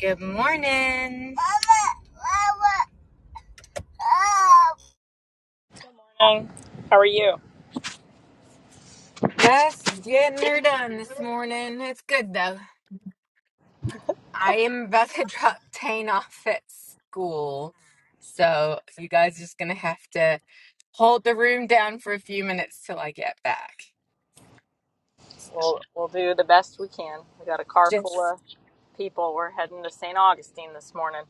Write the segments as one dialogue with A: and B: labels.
A: Good morning.
B: How are you?
A: Yes, getting her done this morning. It's good though. I am about to drop Tane off at school. So you guys are just gonna have to hold the room down for a few minutes till I get back.
B: We'll we'll do the best we can. We got a car full
A: Just
B: of people. We're heading to St. Augustine this morning.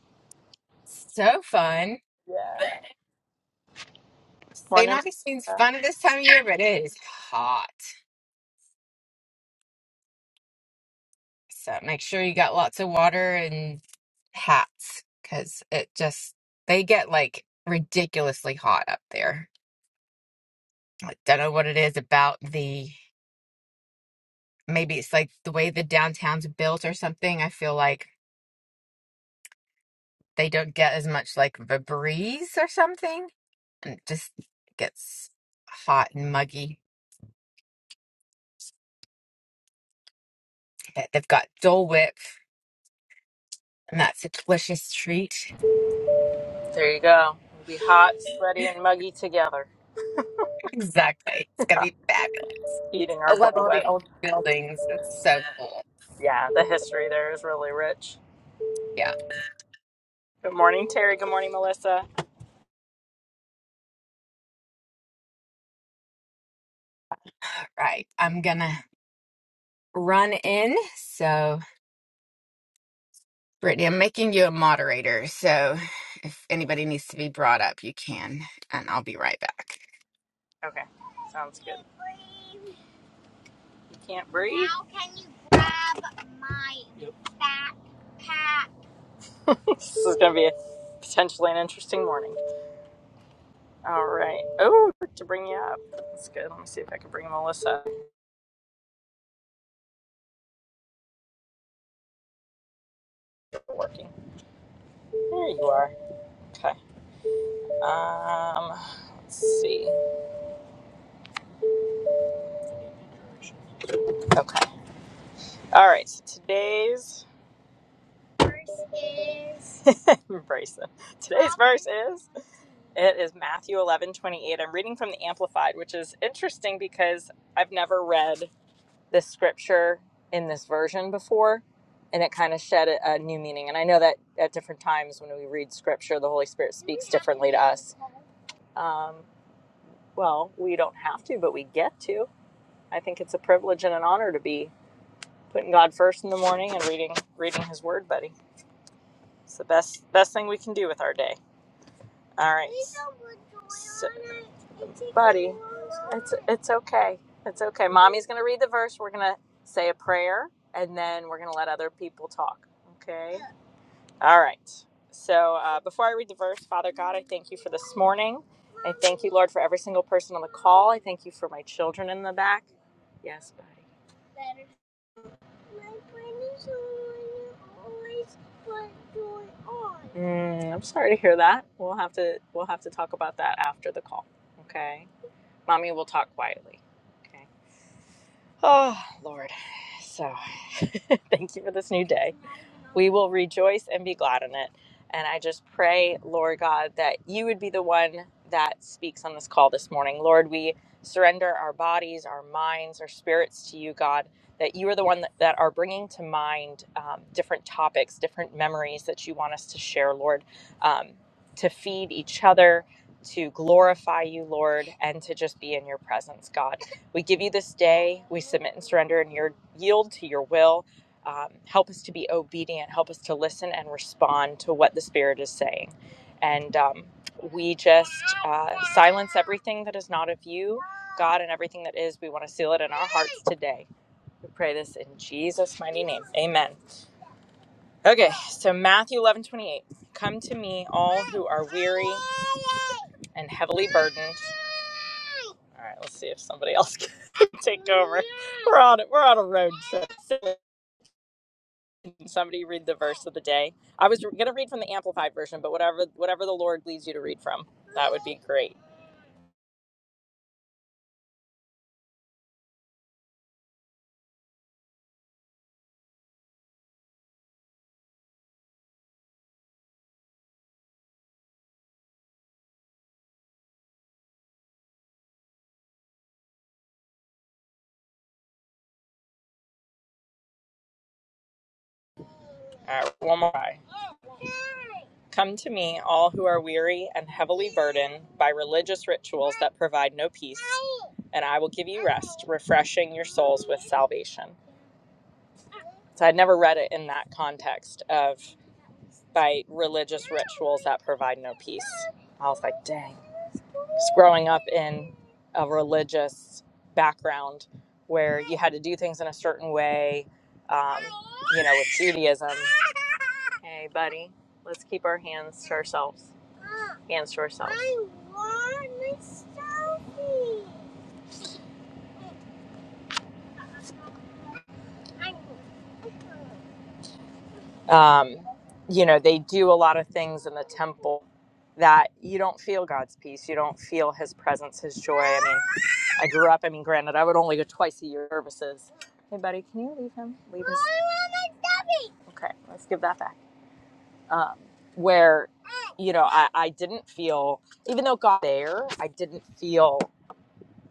A: so fun.
B: Yeah.
A: St.
B: Morning.
A: Augustine's
B: Melissa.
A: fun at this time of year, but it is hot. So make sure you got lots of water and hats because it just, they get like ridiculously hot up there. I don't know what it is about the, maybe it's like the way the downtown's built or something. I feel like they don't get as much like of a breeze or something. It just gets hot and muggy. But They've got Dole Whip and that's a delicious treat.
B: There you go. We'll be hot, sweaty, and muggy together.
A: Exactly. It's going to be fabulous.
B: Eating
A: I
B: our
A: love
B: Dole
A: all the
B: Whip.
A: old buildings. It's so cool.
B: Yeah, the history there is really rich.
A: Yeah.
B: Good morning, Terry. Good morning, Melissa.
A: Right. I'm gonna run in. So, Brittany, I'm making you a moderator. So, if anybody needs to be brought up, you can, and I'll be right back.
B: Okay, sounds good. You can't breathe. Yep. this is gonna be potentially an interesting morning. All right. Oh, to bring you up. That's good. Let me see if I can bring Melissa. Working. There you are. Okay. Um, let's see. Okay. All right. So today's verse is. it. Today's verse is it is Matthew eleven i I'm reading from the Amplified, which is interesting because I've never read. this scripture in this version before and it kind of shed a, a new meaning and i know that at different times when we read scripture the holy spirit speaks differently to us um, well we don't have to but we get to i think it's a privilege and an honor to be putting god first in the morning and reading reading his word buddy it's the best best thing we can do with our day All right. So, buddy, it's it's okay. It's okay. Mommy's gonna read the verse. We're gonna say a prayer, and then we're gonna let other people talk. Okay. All right. So uh, before I read the verse, Father God, I thank you for this morning. I thank you, Lord, for every single person on the call. I thank you for my children in the back. Yes, buddy. Better. My friends always put joy on. Mm, I'm sorry to hear that. We'll have to we'll have to talk about that after the call. Okay, mommy will talk quietly. Okay. Oh Lord. So. Thank you for this new day. We will rejoice and be glad in it. And I just pray, Lord God, that you would be the one that speaks on this call this morning. Lord, we surrender our bodies, our minds, our spirits to you, God, that you are the one that, that are bringing to mind um, different topics, different memories that you want us to share, Lord, um, to feed each other. To glorify you, Lord, and to just be in your presence, God. We give you this day. We submit and surrender and your, yield to your will um, help us to be obedient, help us to listen and respond to what the Spirit is saying. And um, we just uh, silence everything that is not of you, God, and everything that is. We want to seal it in our hearts today. We pray this in Jesus' mighty name. Amen. Okay, so Matthew eleven twenty eight. Come to me, all who are weary and heavily burdened. All right, let's see if somebody else can take over. We're on it. We're on a road trip. So Somebody read the verse of the day. I was going to read from the amplified version, but whatever whatever the Lord leads you to read from, that would be great. All right, one more. Come to me, all who are weary and heavily burdened by religious rituals that provide no peace, and I will give you rest, refreshing your souls with salvation. So I'd never read it in that context of by religious rituals that provide no peace. I was like, dang. growing up in a religious background where you had to do things in a certain way, um, you know, with Judaism. Hey, buddy, let's keep our hands to ourselves. Hands to ourselves. Um, you know, they do a lot of things in the temple that you don't feel God's peace. You don't feel His presence, His joy. I mean, I grew up. I mean, granted, I would only go twice a year to services. Hey, buddy, can you leave him? Leave his. I want my stubby. Okay, let's give that back. Um, where, you know, I, I didn't feel, even though God was there, I didn't feel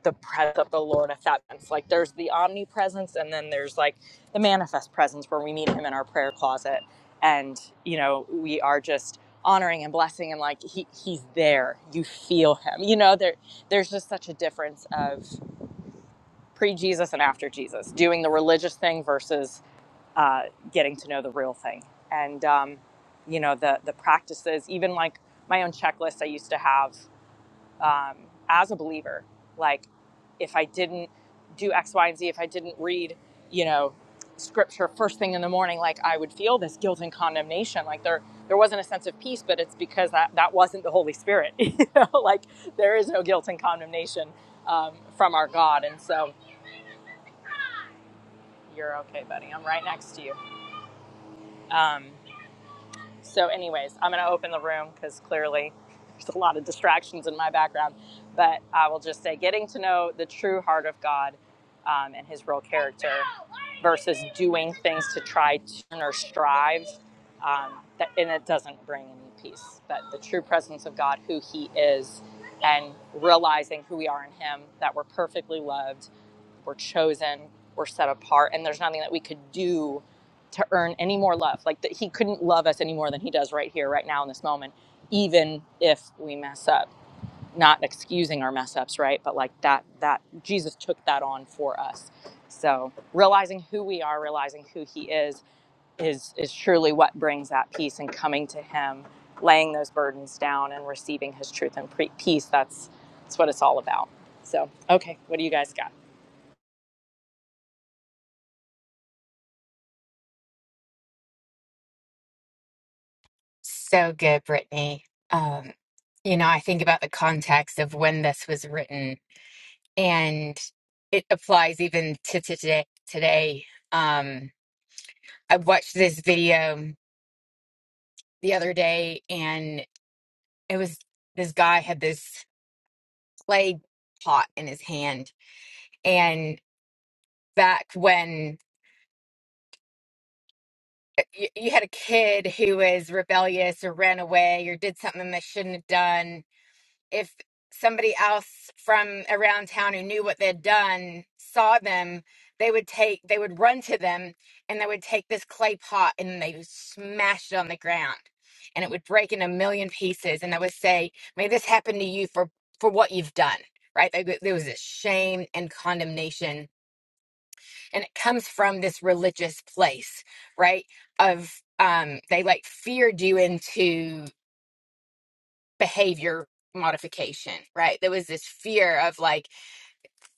B: the presence of the Lord if that sense. Like there's the omnipresence and then there's like the manifest presence where we meet him in our prayer closet and, you know, we are just honoring and blessing and like he, he's there. You feel him. You know, there there's just such a difference of pre Jesus and after Jesus, doing the religious thing versus uh, getting to know the real thing. And, um, you know, the, the practices, even like my own checklist I used to have um, as a believer, like if I didn't do X, Y, and Z, if I didn't read, you know, scripture first thing in the morning, like I would feel this guilt and condemnation. Like there, there wasn't a sense of peace, but it's because that, that wasn't the Holy Spirit. you know, like there is no guilt and condemnation um, from our God. And so, you're okay, buddy. I'm right next to you. Um, so, anyways, I'm going to open the room because clearly there's a lot of distractions in my background. But I will just say getting to know the true heart of God um, and his real character versus doing things to try to or strive. Um, that, and it doesn't bring any peace. But the true presence of God, who he is, and realizing who we are in him, that we're perfectly loved we're chosen, we're set apart, and there's nothing that we could do to earn any more love. Like that, he couldn't love us any more than he does right here, right now, in this moment, even if we mess up. Not excusing our mess ups, right? But like that, that Jesus took that on for us. So realizing who we are, realizing who He is, is is truly what brings that peace. And coming to Him, laying those burdens down, and receiving His truth and pre- peace. That's that's what it's all about. So okay, what do you guys got?
A: So good, Brittany. Um, you know, I think about the context of when this was written, and it applies even to today. Today, um, I watched this video the other day, and it was this guy had this clay pot in his hand, and back when you, you had a kid who was rebellious or ran away or did something they shouldn't have done, if somebody else from around town who knew what they'd done saw them, they would take they would run to them and they would take this clay pot and they would smash it on the ground and it would break in a million pieces and they would say, May this happen to you for for what you've done. Right? There, there was a shame and condemnation and it comes from this religious place right of um they like feared you into behavior modification right there was this fear of like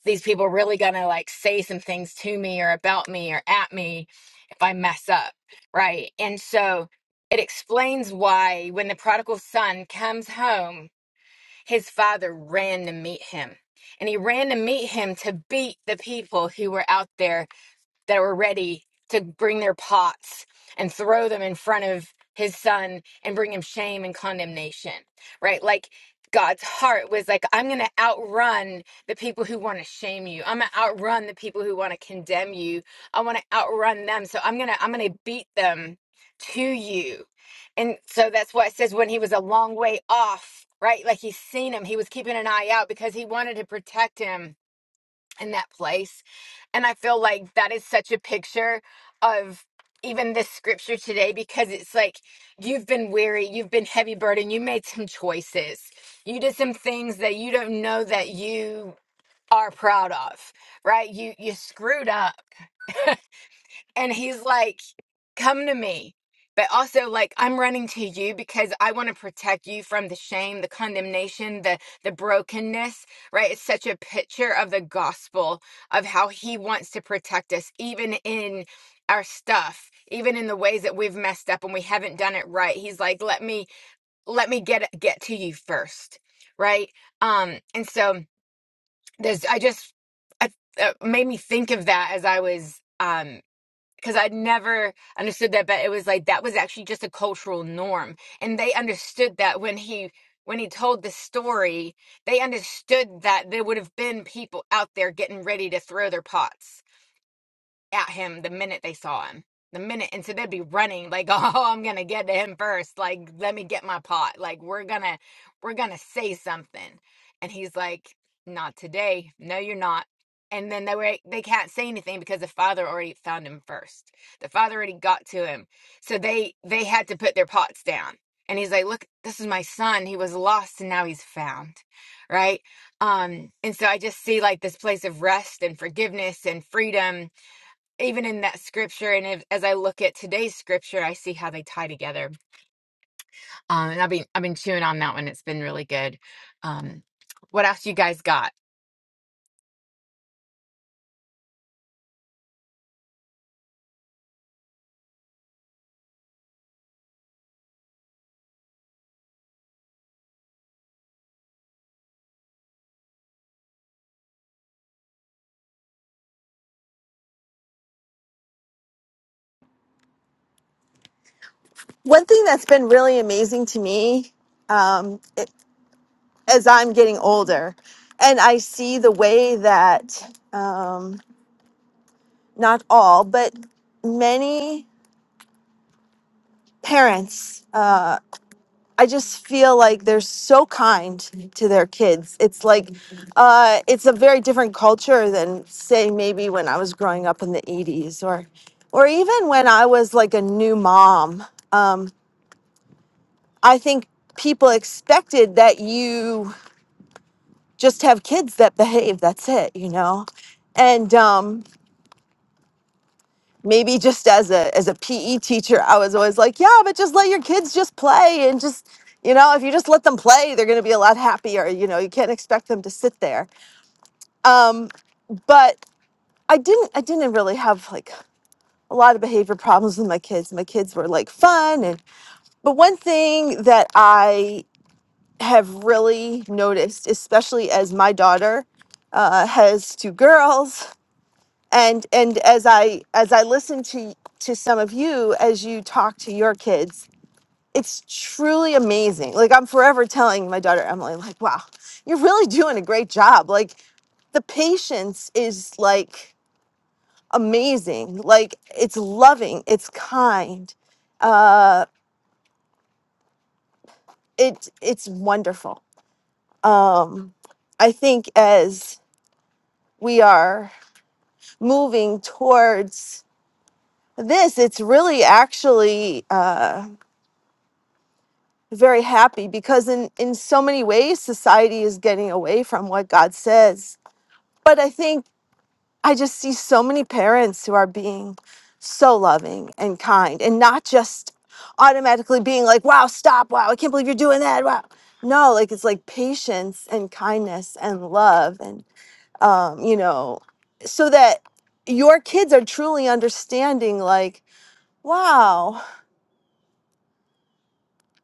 A: these people really gonna like say some things to me or about me or at me if i mess up right and so it explains why when the prodigal son comes home his father ran to meet him and he ran to meet him to beat the people who were out there that were ready to bring their pots and throw them in front of his son and bring him shame and condemnation, right? Like God's heart was like, I'm going to outrun the people who want to shame you. I'm going to outrun the people who want to condemn you. I want to outrun them. So I'm going to, I'm going to beat them to you. And so that's why it says when he was a long way off, right? Like he's seen him, he was keeping an eye out because he wanted to protect him in that place. And I feel like that is such a picture of even this scripture today because it's like you've been weary, you've been heavy burdened, you made some choices. You did some things that you don't know that you are proud of, right? You you screwed up. And he's like come to me. But also like I'm running to you because I want to protect you from the shame, the condemnation, the the brokenness, right? It's such a picture of the gospel of how he wants to protect us even in our stuff, even in the ways that we've messed up and we haven't done it right. He's like, "Let me let me get get to you first, Right? Um and so there's I just I, it made me think of that as I was um because I never understood that, but it was like that was actually just a cultural norm, and they understood that when he when he told the story, they understood that there would have been people out there getting ready to throw their pots at him the minute they saw him. The minute, and so they'd be running like, "Oh, I'm gonna get to him first. Like, let me get my pot. Like, we're gonna, we're gonna say something." And he's like, "Not today. No, you're not." And then they were, they can't say anything because the father already found him first. The father already got to him, so they they had to put their pots down. And he's like, "Look, this is my son. He was lost, and now he's found." Right? Um, and so I just see like this place of rest and forgiveness and freedom even in that scripture and if, as i look at today's scripture i see how they tie together um and i've been i've been chewing on that one it's been really good um what else you guys got
C: One thing that's been really amazing to me um, it, as I'm getting older, and I see the way that um, not all, but many parents, uh, I just feel like they're so kind to their kids. It's like uh, it's a very different culture than, say, maybe when I was growing up in the 80s or, or even when I was like a new mom. Um, I think people expected that you just have kids that behave that's it you know and um maybe just as a as a PE teacher I was always like yeah but just let your kids just play and just you know if you just let them play they're going to be a lot happier you know you can't expect them to sit there um but I didn't I didn't really have like a lot of behavior problems with my kids my kids were like fun and but one thing that I have really noticed especially as my daughter uh, has two girls and and as i as i listen to to some of you as you talk to your kids it's truly amazing like i'm forever telling my daughter emily like wow you're really doing a great job like the patience is like amazing like it's loving it's kind uh it it's wonderful um i think as we are moving towards this it's really actually uh very happy because in in so many ways society is getting away from what God says. But I think I just see so many parents who are being so loving and kind and not just automatically being like, "Wow, stop. Wow, I can't believe you're doing that." Wow. No, like it's like patience and kindness and love and um, you know, so that your kids are truly understanding like, "Wow,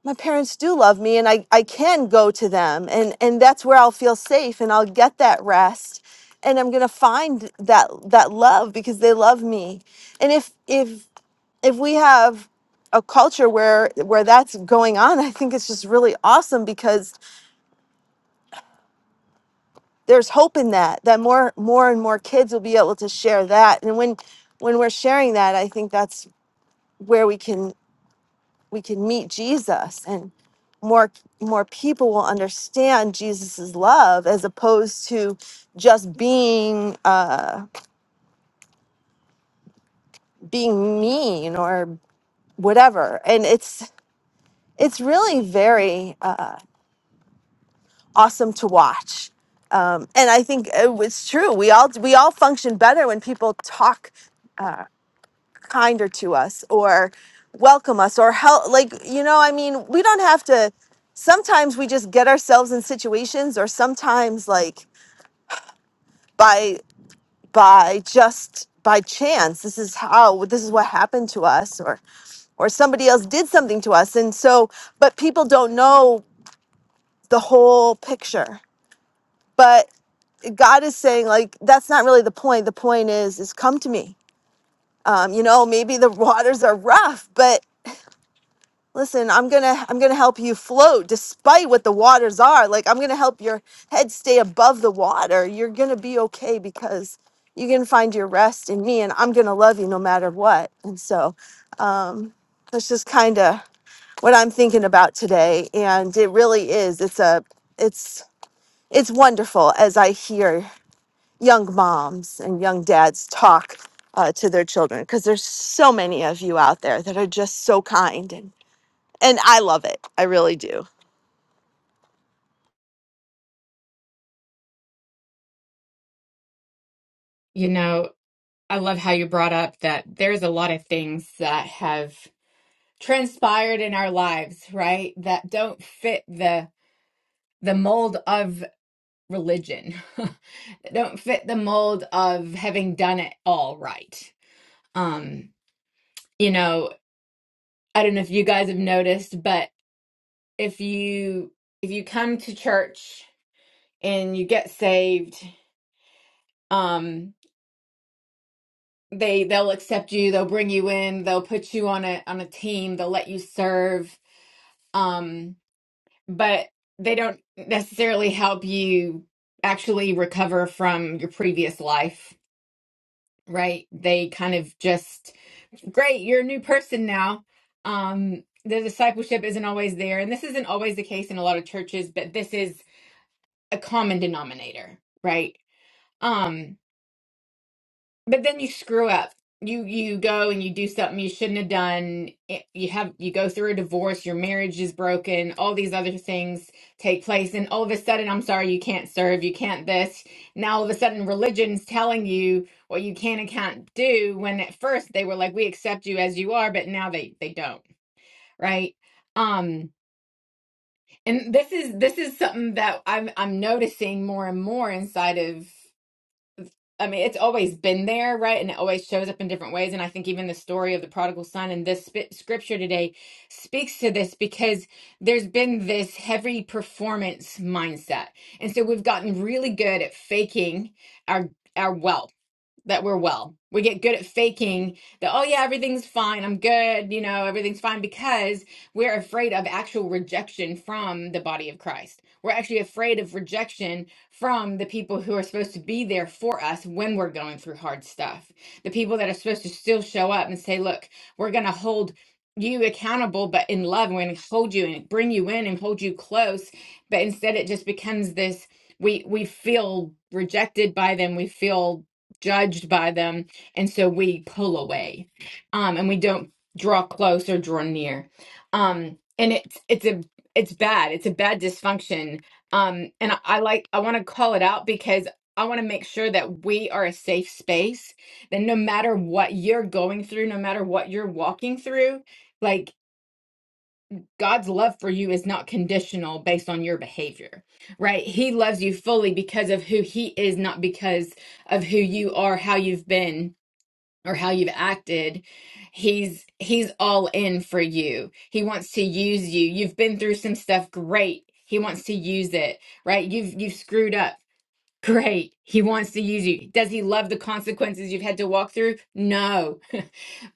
C: my parents do love me and I, I can go to them and, and that's where I'll feel safe and I'll get that rest and I'm gonna find that that love because they love me. And if if if we have a culture where where that's going on, I think it's just really awesome because there's hope in that that more more and more kids will be able to share that. And when when we're sharing that, I think that's where we can we can meet Jesus and more more people will understand Jesus's love as opposed to just being uh being mean or whatever and it's it's really very uh awesome to watch um and I think it was true we all we all function better when people talk kinder to us or welcome us or help like you know i mean we don't have to sometimes we just get ourselves in situations or sometimes like by by just by chance this is how this is what happened to us or or somebody else did something to us and so but people don't know the whole picture but god is saying like that's not really the point the point is is come to me um, you know maybe the waters are rough but listen i'm gonna i'm gonna help you float despite what the waters are like i'm gonna help your head stay above the water you're gonna be okay because you can find your rest in me and i'm gonna love you no matter what and so that's just kind of what i'm thinking about today and it really is it's a it's it's wonderful as i hear young moms and young dads talk uh, to their children because there's so many of you out there that are just so kind and and i love it i really do
A: You know, I love how you brought up that there's a lot of things that have transpired in our lives, right? That don't fit the the mold of religion. that don't fit the mold of having done it all right. Um, you know, I don't know if you guys have noticed, but if you if you come to church and you get saved um they they'll accept you they'll bring you in they'll put you on a on a team they'll let you serve um but they don't necessarily help you actually recover from your previous life right they kind of just great you're a new person now um the discipleship isn't always there and this isn't always the case in a lot of churches but this is a common denominator, right? Um, but then you screw up. You you go and you do something you shouldn't have done. It- You have you go through a divorce, your marriage is broken, all these other things take place, and all of a sudden, I'm sorry, you can't serve, you can't this. Now all of a sudden religion's telling you what you can and can't do when at first they were like, We accept you as you are, but now they they don't, right? Um, and this is this is something that I'm I'm noticing more and more inside of I mean, it's always been there, right? And it always shows up in different ways. And I think even the story of the prodigal son in this sp scripture today speaks to this because there's been this heavy performance mindset. And so we've gotten really good at faking our our wealth that we're well. We get good at faking that, oh, yeah, everything's fine. I'm good. You know, everything's fine because we're afraid of actual rejection from the body of Christ. We're actually afraid of rejection from the people who are supposed to be there for us when we're going through hard stuff. The people that are supposed to still show up and say, look, we're going to hold you accountable, but in love, we're going to hold you and bring you in and hold you close. But instead, it just becomes this we we feel rejected by them we feel judged by them and so we pull away um and we don't draw close or draw near um and it's it's a it's bad it's a bad dysfunction um and i, I like i want to call it out because i want to make sure that we are a safe space that no matter what you're going through no matter what you're walking through like God's love for you is not conditional based on your behavior, right? He loves you fully because of who He is, not because of who you are, how you've been, or how you've acted. He's he's all in for you. He wants to use you. You've been through some stuff, great. He wants to use it, right? You've you've screwed up. Great. He wants to use you. Does he love the consequences you've had to walk through? No.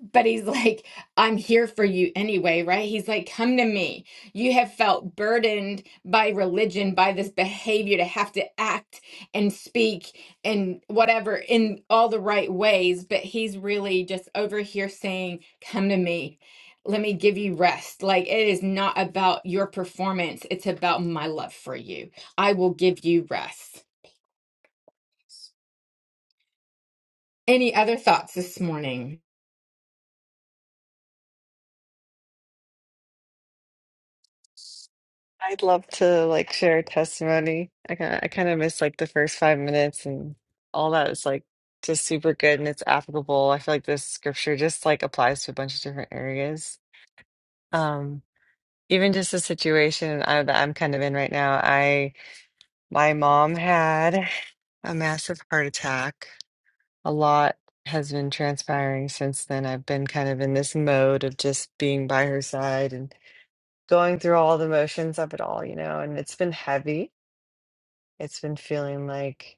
A: But he's like, I'm here for you anyway, right? He's like, come to me. You have felt burdened by religion, by this behavior to have to act and speak and whatever in all the right ways. But he's really just over here saying, come to me. Let me give you rest. Like, it is not about your performance, it's about my love for you. I will give you rest. Any other thoughts this morning?
D: I'd love to like share a testimony. I kind of, I kind of miss like the first five minutes and all that is like just super good and it's applicable. I feel like this scripture just like applies to a bunch of different areas. Um, even just the situation I, that I'm kind of in right now. I my mom had a massive heart attack. A lot has been transpiring since then. I've been kind of in this mode of just being by her side and going through all the motions of it all, you know, and it's been heavy It's been feeling like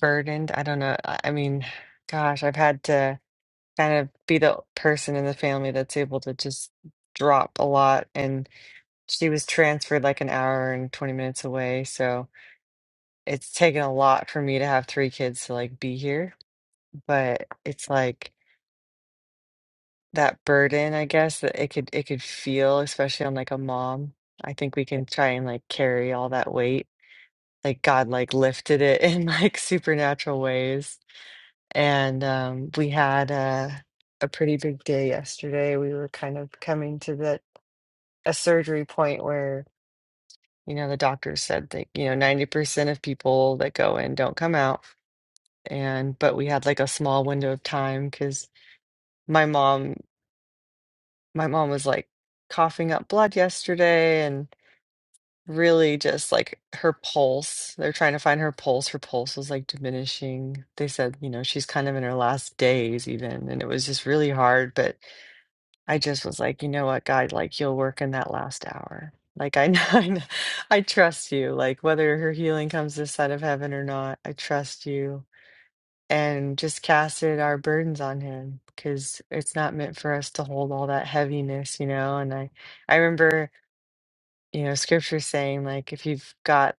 D: burdened. I don't know. I I mean, gosh, I've had to kind of be the person in the family that's able to just drop a lot. And she was transferred like an hour and 20 minutes away. So it's taken a lot for me to have three kids to like be here. But it's like that burden, I guess, that it could it could feel, especially on like a mom. I think we can try and like carry all that weight. Like God like lifted it in like supernatural ways. And um, we had a, a pretty big day yesterday. We were kind of coming to that a surgery point where, you know, the doctor said that, you know, 90% of people that go in don't come out. And, but we had like a small window of time because my mom, my mom was like coughing up blood yesterday and really just like her pulse. They're trying to find her pulse. Her pulse was like diminishing. They said, you know, she's kind of in her last days even. And it was just really hard. But I just was like, "You know what, God? Like, you'll work in that last hour. Like, I know, I kn- I trust you. Like, whether her healing comes this side of heaven or not, I trust you." And just casted our burdens on him because it's not meant for us to hold all that heaviness, you know. And I, I remember, you know, scripture saying like, if you've got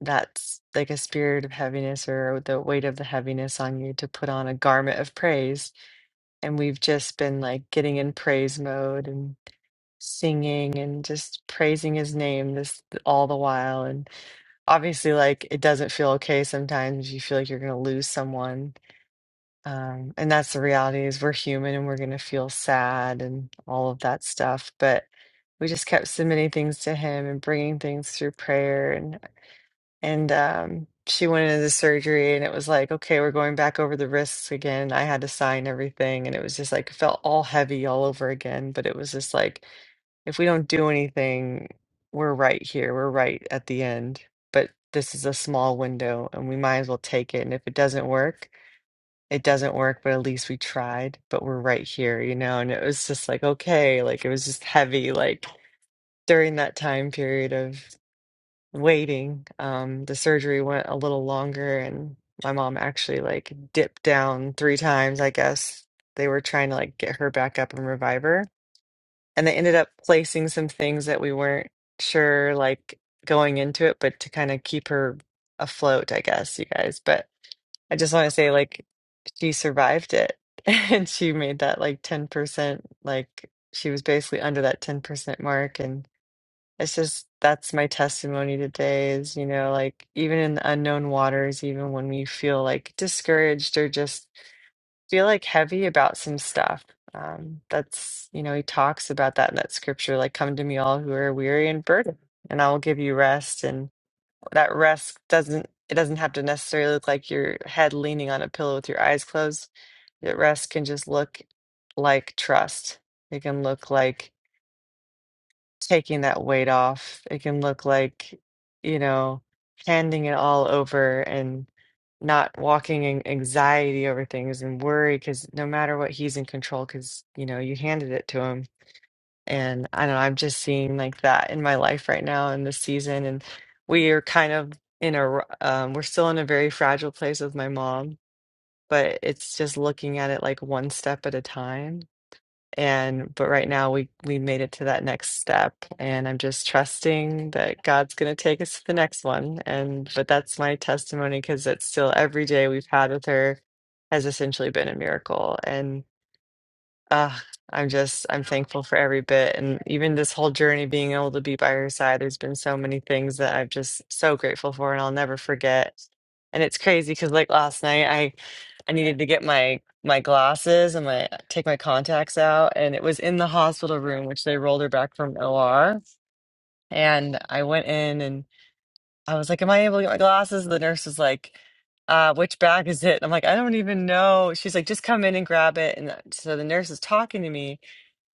D: that's like a spirit of heaviness or the weight of the heaviness on you, to put on a garment of praise. And we've just been like getting in praise mode and singing and just praising his name this all the while and obviously like it doesn't feel okay sometimes you feel like you're going to lose someone um and that's the reality is we're human and we're going to feel sad and all of that stuff but we just kept submitting things to him and bringing things through prayer and and um she went into the surgery and it was like okay we're going back over the risks again i had to sign everything and it was just like felt all heavy all over again but it was just like if we don't do anything, we're right here. We're right at the end. But this is a small window and we might as well take it. And if it doesn't work, it doesn't work, but at least we tried, but we're right here, you know? And it was just like, okay, like it was just heavy. Like during that time period of waiting, um, the surgery went a little longer and my mom actually like dipped down three times, I guess. They were trying to like get her back up and revive her and they ended up placing some things that we weren't sure like going into it but to kind of keep her afloat i guess you guys but i just want to say like she survived it and she made that like 10% like she was basically under that 10% mark and it's just that's my testimony today is you know like even in the unknown waters even when we feel like discouraged or just feel like heavy about some stuff. Um, that's, you know, he talks about that in that scripture, like, come to me all who are weary and burdened, and I will give you rest. And that rest doesn't, it doesn't have to necessarily look like your head leaning on a pillow with your eyes closed. That rest can just look like trust. It can look like taking that weight off. It can look like, you know, handing it all over and not walking in anxiety over things and worry because no matter what, he's in control because, you know, you handed it to him. And I don't know, I'm just seeing like that in my life right now in this season. And we are kind of in a, r- um, we're still in a very fragile place with my mom, but it's just looking at it like one step at a time and but right now we we made it to that next step and I'm just trusting that God's going to take us to the next one. And but that's my testimony because it's still every day we've had with her has essentially been a miracle. And. Uh, I'm just, I'm thankful for every bit. And even this whole journey, being able to be by her side, there's been so many things that I'm just so grateful for and I'll never forget. And it's crazy because like last night, I, I needed to get my, my glasses and my, take my contacts out. And it was in the hospital room, which they rolled her back from OR. And I went in and I was like, am I able to get my glasses? And the nurse was like, uh, which bag is it? And I'm like, I don't even know. She's like, just come in and grab it. And so the nurse is talking to me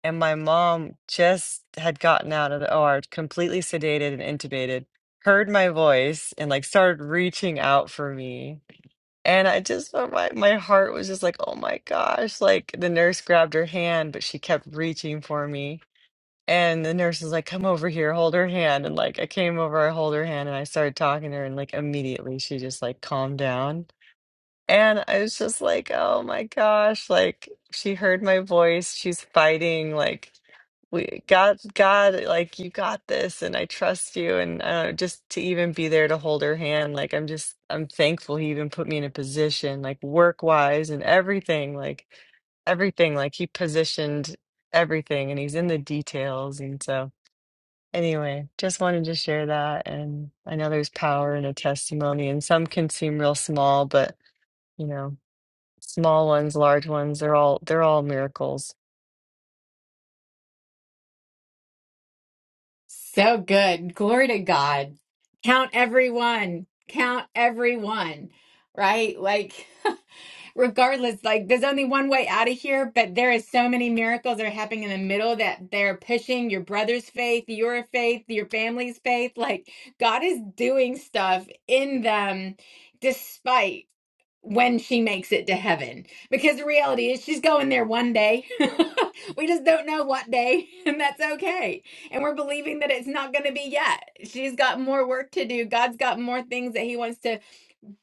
D: and my mom just had gotten out of the OR, completely sedated and intubated, heard my voice and like started reaching out for me. And I just felt my my heart was just like, oh my gosh. Like the nurse grabbed her hand, but she kept reaching for me. And the nurse was like, come over here, hold her hand. And like I came over, I hold her hand and I started talking to her and like immediately she just like calmed down. And I was just like, oh my gosh, like she heard my voice. She's fighting, like we God God like you got this and I trust you and I don't know, just to even be there to hold her hand like I'm just I'm thankful he even put me in a position like work wise and everything like everything like he positioned everything and he's in the details and so anyway just wanted to share that and I know there's power in a testimony and some can seem real small but you know small ones large ones they're all they're all miracles
A: So good. Glory to God. Count everyone. Count everyone. Right? Like, regardless, like, there's only one way out of here, but there is so many miracles that are happening in the middle that they're pushing your brother's faith, your faith, your family's faith. Like, God is doing stuff in them despite when she makes it to heaven because the reality is she's going there one day we just don't know what day and that's okay and we're believing that it's not going to be yet she's got more work to do god's got more things that he wants to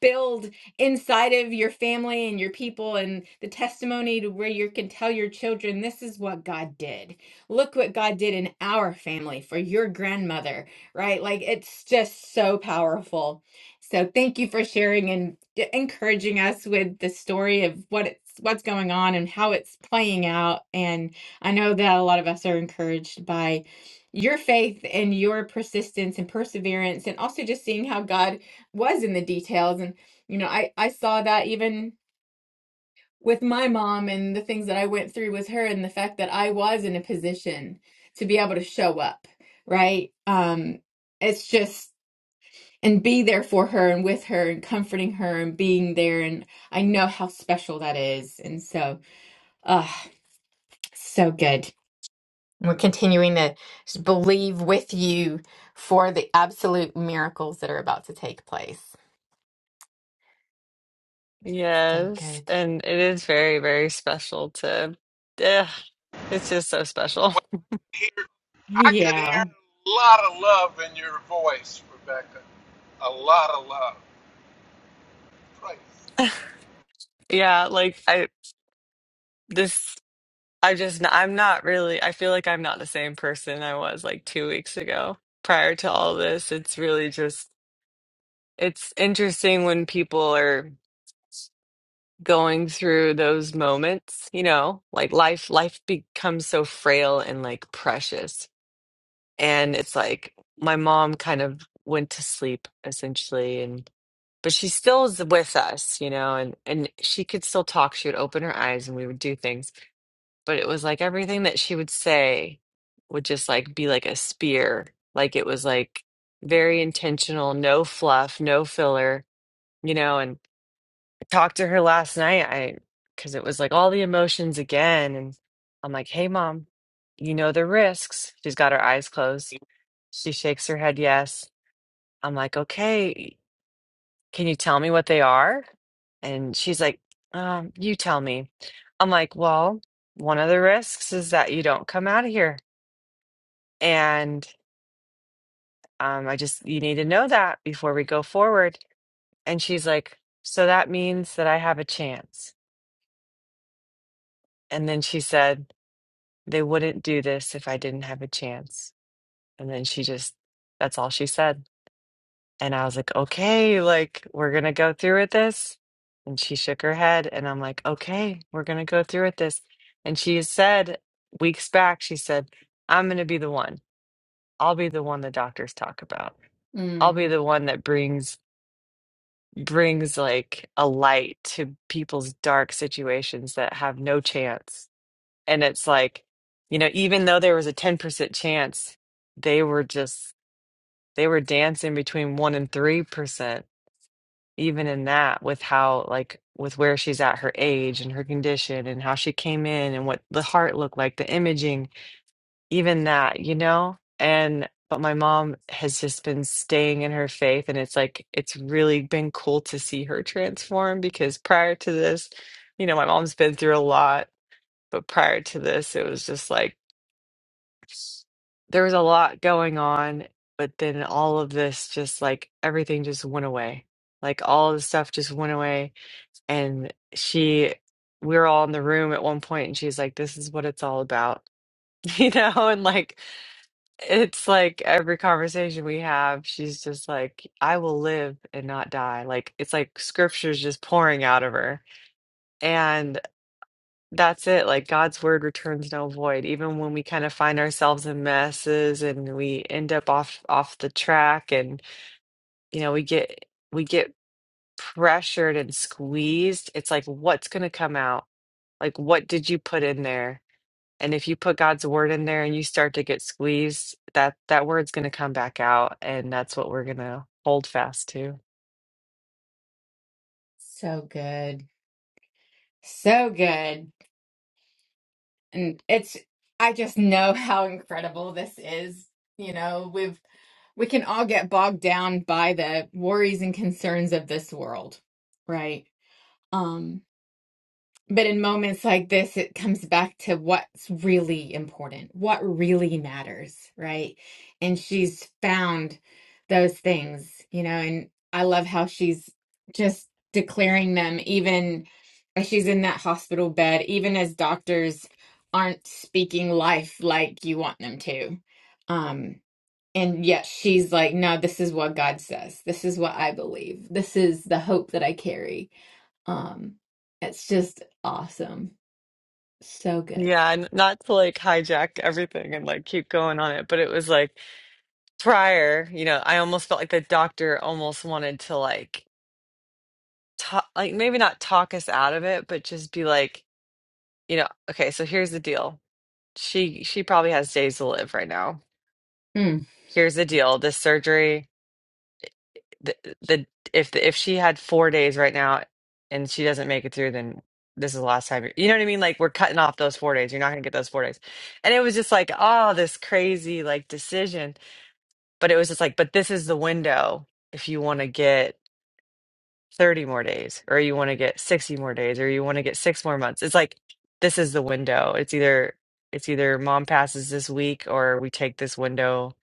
A: build inside of your family and your people and the testimony to where you can tell your children this is what God did. Look what God did in our family for your grandmother, right? Like it's just so powerful. So thank you for sharing and d- encouraging us with the story of what it's what's going on and how it's playing out and I know that a lot of us are encouraged by your faith and your persistence and perseverance and also just seeing how God was in the details and you know i i saw that even with my mom and the things that i went through with her and the fact that i was in a position to be able to show up right um it's just and be there for her and with her and comforting her and being there and i know how special that is and so uh so good we're continuing to s- believe with you for the absolute miracles that are about to take place so
D: Yes,
A: good
D: and it is very, very special to, ugh, it's just so special.
E: Well, here, I could hear
A: yeah
E: a lot of love in your voice, Rebecca. A lot of love. Praise.
D: Yeah, like I this I just n- I'm not really I feel like I'm not the same person I was like 2 weeks ago prior to all this. It's really just it's interesting when people are going through those moments, you know, like life life becomes so frail and like precious. And it's like my mom kind of went to sleep essentially but she still was with us, you know, and and she could still talk. She would open her eyes and we would do things, but it was like everything that she would say would just like be like a spear. Like it was like very intentional, no fluff, no filler, you know, and I talked to her last night I cuz it was like all the emotions again and I'm like, "Hey mom, you know the risks." She's got her eyes closed. She shakes her head yes. I'm like, "Okay, can you tell me what they are? And she's like, um, You tell me. I'm like, Well, one of the risks is that you don't come out of here. And um, I just, you need to know that before we go forward. And she's like, So that means that I have a chance. And then she said, They wouldn't do this if I didn't have a chance. And then she just, that's all she said. And I was like, okay, like we're gonna go through with this. And she shook her head, and I'm like, okay, we're gonna go through with this. And she said weeks back, she said, I'm gonna be the one. I'll be the one the doctors talk about. I'll
A: Mm.
D: be the one that brings brings like a light to people's dark situations that have no chance. And it's like, you know, even though there was a 10% chance, they were just they were dancing between 1 and 3% even in that with how like with where she's at her age and her condition and how she came in and what the heart looked like the imaging even that you know and but my mom has just been staying in her faith and it's like it's really been cool to see her transform because prior to this you know my mom's been through a lot but prior to this it was just like there was a lot going on but then all of this just like everything just went away like all of the stuff just went away and she we were all in the room at one point and she's like this is what it's all about you know and like it's like every conversation we have she's just like i will live and not die like it's like scriptures just pouring out of her and that's it like god's word returns no void even when we kind of find ourselves in messes and we end up off off the track and you know we get we get pressured and squeezed it's like what's going to come out Like, what did you put in there? And if you put God's word in there and you start to get squeezed, that that word's going to come back out, and that's what we're going to hold fast to.
A: So good. So good. And it's, I just know how incredible this is. You know, we've, we can all get bogged down by the worries and concerns of this world, right? Um, But in moments like this, it comes back to what's really important, what really matters, right? And she's found those things, you know, and I love how she's just declaring them, even as she's in that hospital bed, even as doctors aren't speaking life like you want them to. Um, and yet she's like, no, this is what God says. This is what I believe. This is the hope that I carry um, it's just awesome. So good.
D: Yeah, and not to like hijack everything and like keep going on it, but it was like prior, you know, I almost felt like the doctor almost wanted to like talk, like maybe not talk us out of it, but just be like, you know, okay, so here's the deal. She she probably has days to live right now.
A: Mm,
D: Here's the deal. This surgery the the if if she had four days right now and she doesn't make it through, then this is the last time. You're, you know what I mean? Like we're cutting off those four days. You're not gonna get those four days. And it was just like, oh, this crazy like decision. But it was just like, but this is the window if you want to get 30 more days, or you want to get 60 more days, or you want to get six more months. It's like this is the window. It's either it's either mom passes this week or we take this window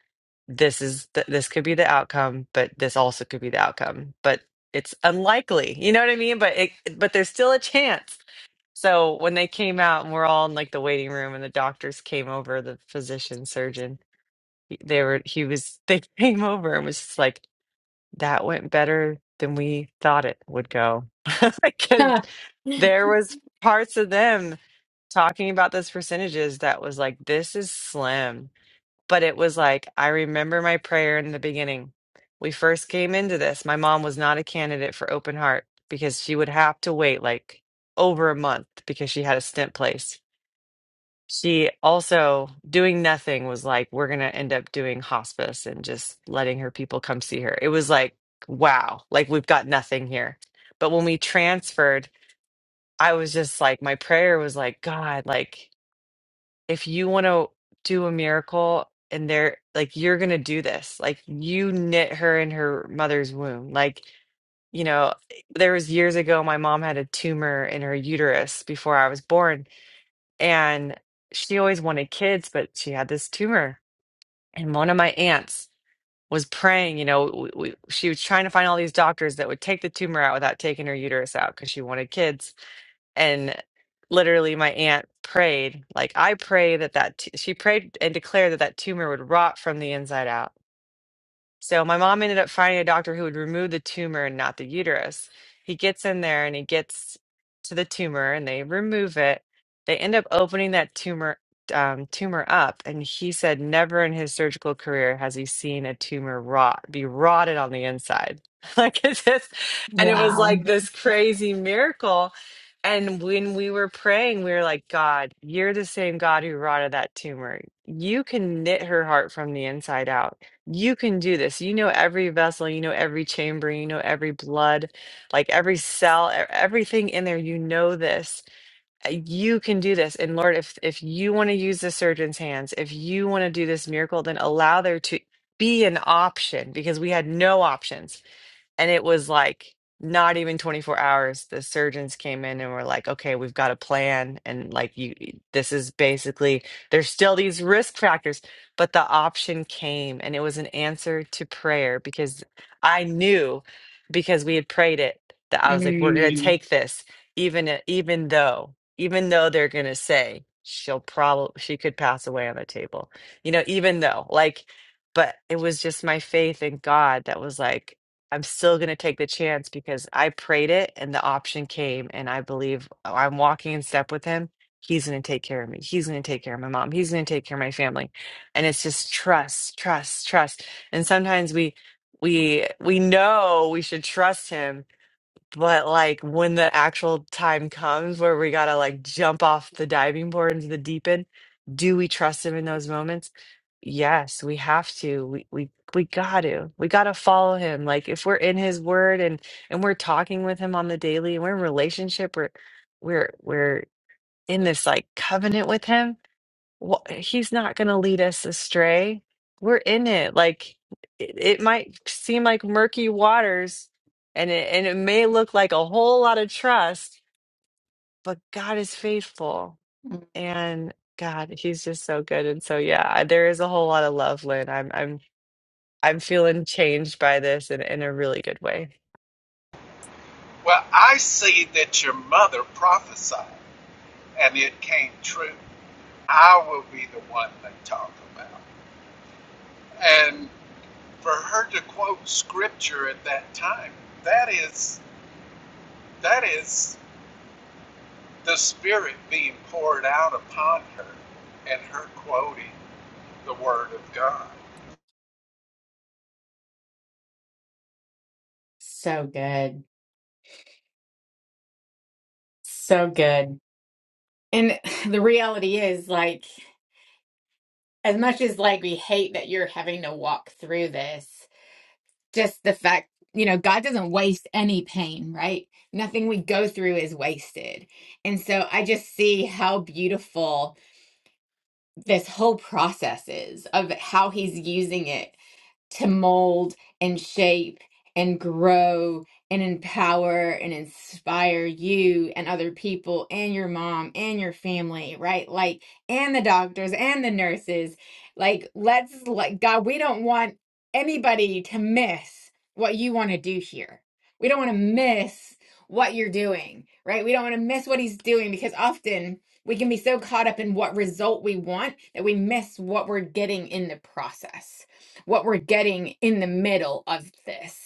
D: this is th- this could be the outcome, but this also could be the outcome, but it's unlikely. You know what I mean? But it but there's still a chance. So when they came out and we're all in like the waiting room and the doctors came over, the physician surgeon, they were he was they came over and was just like that went better than we thought it would go because there was parts of them talking about those percentages that was like this is slim but it was like I remember my prayer in the beginning. We first came into this. My mom was not a candidate for open heart because she would have to wait like over a month because she had a stent place. She also doing nothing was like we're going to end up doing hospice and just letting her people come see her. It was like wow, like we've got nothing here. But when we transferred, I was just like my prayer was like God, like if you want to do a miracle and they're like you're going to do this like you knit her in her mother's womb like you know there was years ago my mom had a tumor in her uterus before i was born and she always wanted kids but she had this tumor and one of my aunts was praying you know we, we, she was trying to find all these doctors that would take the tumor out without taking her uterus out because she wanted kids and literally my aunt prayed like i pray that that t- she prayed and declared that that tumor would rot from the inside out so my mom ended up finding a doctor who would remove the tumor and not the uterus. He gets in there and he gets to the tumor and they remove it. They end up opening that tumor um, tumor up, and he said never in his surgical career has he seen a tumor rot be rotted on the inside like it's just, and it was like this crazy miracle. And when we were praying, we were like, God, you're the same God who rotted that tumor. You can knit her heart from the inside out you can do this. You know every vessel, you know every chamber, you know every blood, like every cell, e- everything in there. You know this. Uh, You can do this. And Lord, if if you want to use the surgeon's hands, if you want to do this miracle, then allow there to be an option because we had no options. And it was like not even 24 hours. The surgeons came in and were like, okay, we've got a plan. And like, you, this is basically, there's still these risk factors, but the option came and it was an answer to prayer because I knew because we had prayed it that I was like, we're going
A: mm,
D: to take this, even, i- even though, even though they're going to say, she'll probably she could pass away on the table you know even though like but it was just my faith in god that was like I'm still going to take the chance because I prayed it and the option came. And I believe uh, I'm walking in step with him. He's going to take care of me. He's going to take care of my mom. He's going to take care of my family. And it's just trust, trust, trust. And sometimes we, we, we know we should trust him but like when the actual time comes where we gotta like jump off the diving board into the deep end, do we trust him in those moments? Yes, we have to. We we we got to. We got to follow him. Like if we're in his word and and we're talking with him on the daily and we're in relationship, we're we're we're in this like covenant with him well, he's not going to lead us astray. We're in it. Like it, it might seem like murky waters and it, and it may look like a whole lot of trust, but God is faithful and God, he's just so good. And so, yeah, I- there is a whole lot of love, Lynn. I'm, I'm, I'm feeling changed by this in, in a really good way.
E: Well, I see that your mother prophesied and it came true. I will be the one they talk about. And for her to quote scripture at that time, that is that is the spirit being poured out upon her and her quoting the word of God.
A: so good. So good. And the reality is, like, as much as like we hate that you're having to walk through this, just the fact, you know, God doesn't waste any pain, right? Nothing we go through is wasted. And so I just see how beautiful this whole process is of how he's using it to mold and shape and grow and empower and inspire you and other people and your mom and your family, right? Like, and the doctors and the nurses. Like, let's, like, God, we don't want anybody to miss what you want to do here. We don't want to miss what you're doing, right? We don't want to miss what he's doing because often we can be so caught up in what result we want that we miss what we're getting in the process what we're getting in the middle of this.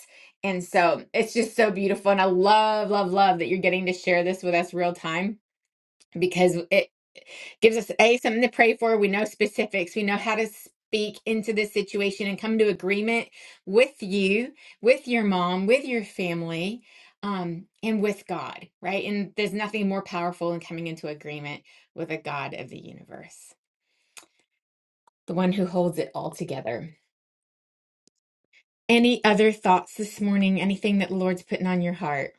A: And so it's just so beautiful. And I love, love, love that you're getting to share this with us real time because it gives us a something to pray for. We know specifics. We know how to speak into this situation and come to agreement with you, with your mom, with your family, um, and with God, right? And there's nothing more powerful than coming into agreement with a God of the universe, the one who holds it all together. Any other thoughts this morning? Anything that the Lord's putting on your heart?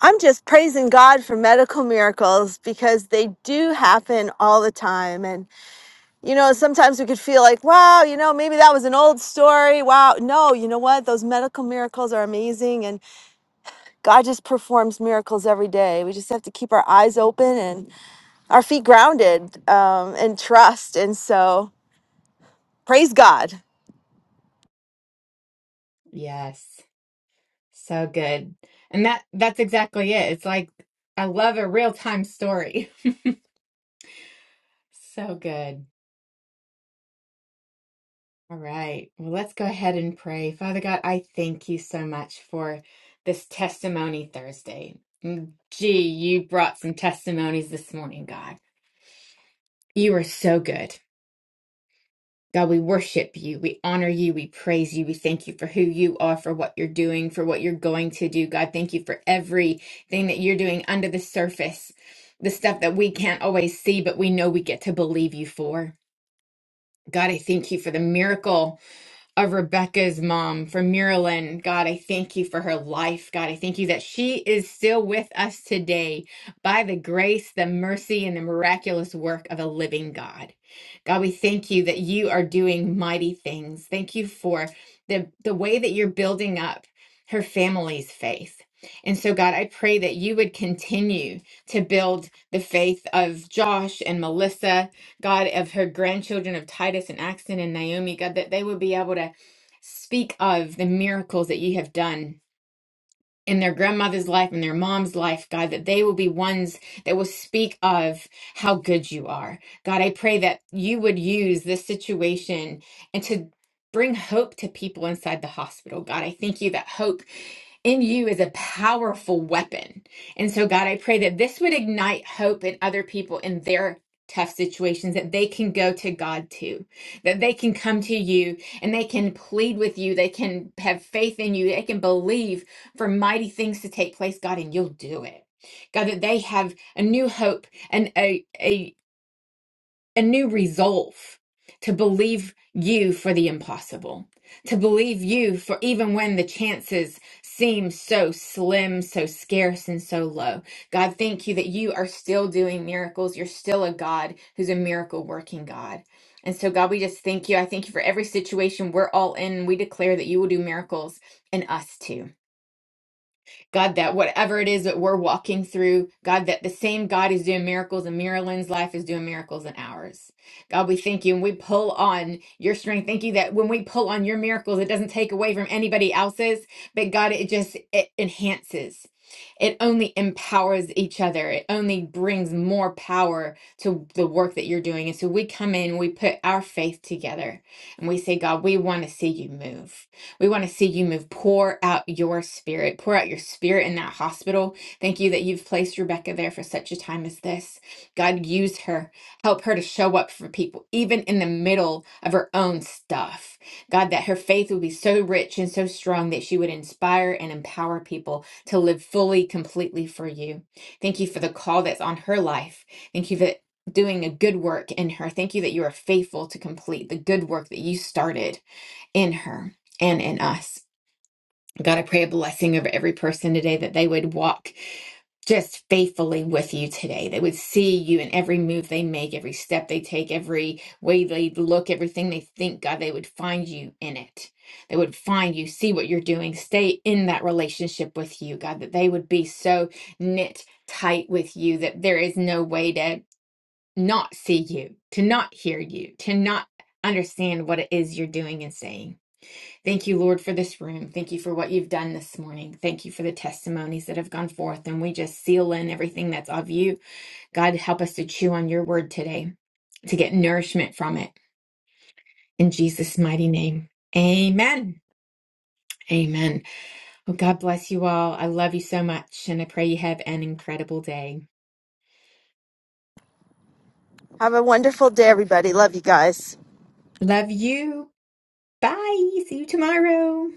C: I'm just praising God for medical miracles because they do happen all the time. And, you know, sometimes we could feel like, wow, you know, maybe that was an old story. Wow. No, you know what? Those medical miracles are amazing. And God just performs miracles every day. We just have to keep our eyes open and our feet grounded um, and trust. And so, praise God.
A: Yes. So good. And that that's exactly it. It's like I love a real-time story. So good. All right. Well, let's go ahead and pray. Father God, I thank you so much for this testimony Thursday. Mm, Gee, you brought some testimonies this morning, God. You are so good. God, we worship you. We honor you. We praise you. We thank you for who you are, for what you're doing, for what you're going to do. God, thank you for everything that you're doing under the surface, the stuff that we can't always see, but we know we get to believe you for. God, I thank you for the miracle of Rebecca's mom from Maryland. God, I thank you for her life. God, I thank you that she is still with us today by the grace, the mercy, and the miraculous work of a living God. God, we thank you that you are doing mighty things. Thank you for the, the way that you're building up her family's faith. And so, God, I pray that you would continue to build the faith of Josh and Melissa God, of her grandchildren of Titus and Axton and Naomi, God, that they would be able to speak of the miracles that you have done in their grandmother's life and their mom's life, God, that they will be ones that will speak of how good you are. God, I pray that you would use this situation and to bring hope to people inside the hospital. God, I thank you that hope in you is a powerful weapon. And so, God, I pray that this would ignite hope in other people in their tough situations, that they can go to God too, that they can come to you and they can plead with you, they can have faith in you, they can believe for mighty things to take place, God, and you'll do it. God, that they have a new hope and a, a, a new resolve to believe you for the impossible, to believe you for even when the chances seem so slim, so scarce, and so low. God, thank you that you are still doing miracles. You're still a God who's a miracle working God. And so, God, we just thank you. I thank you for every situation we're all in. We declare that you will do miracles in us too. God, that whatever it is that we're walking through, God, that the same God is doing miracles in Marilyn's life is doing miracles in ours. God, we thank you and we pull on your strength. Thank you that when we pull on your miracles, it doesn't take away from anybody else's, but God, it just it enhances. It only empowers each other. It only brings more power to the work that you're doing. And so we come in, we put our faith together, and we say, God, we want to see you move. We want to see you move. Pour out your spirit. Pour out your spirit in that hospital. Thank you that you've placed Rebecca there for such a time as this. God, use her. Help her to show up for people, even in the middle of her own stuff. God, that her faith would be so rich and so strong that she would inspire and empower people to live fully, completely for you. Thank you for the call that's on her life. Thank you for doing a good work in her. Thank you that you are faithful to complete the good work that you started in her and in us. God, I pray a blessing over every person today that they would walk just faithfully with you today. They would see you in every move they make, every step they take, every way they look, everything they think. God, they would find you in it. They would find you, see what you're doing, stay in that relationship with you, God, that they would be so knit tight with you that there is no way to not see you, to not hear you, to not understand what it is you're doing and saying. Thank you, Lord, for this room. Thank you for what you've done this morning. Thank you for the testimonies that have gone forth. And we just seal in everything that's of you. God, help us to chew on your word today, to get nourishment from it. In Jesus' mighty name. Amen. Amen. Well, God bless you all. I love you so much. And I pray you have an incredible day.
C: Have a wonderful day, everybody. Love you guys.
A: Love you. Bye. See you tomorrow.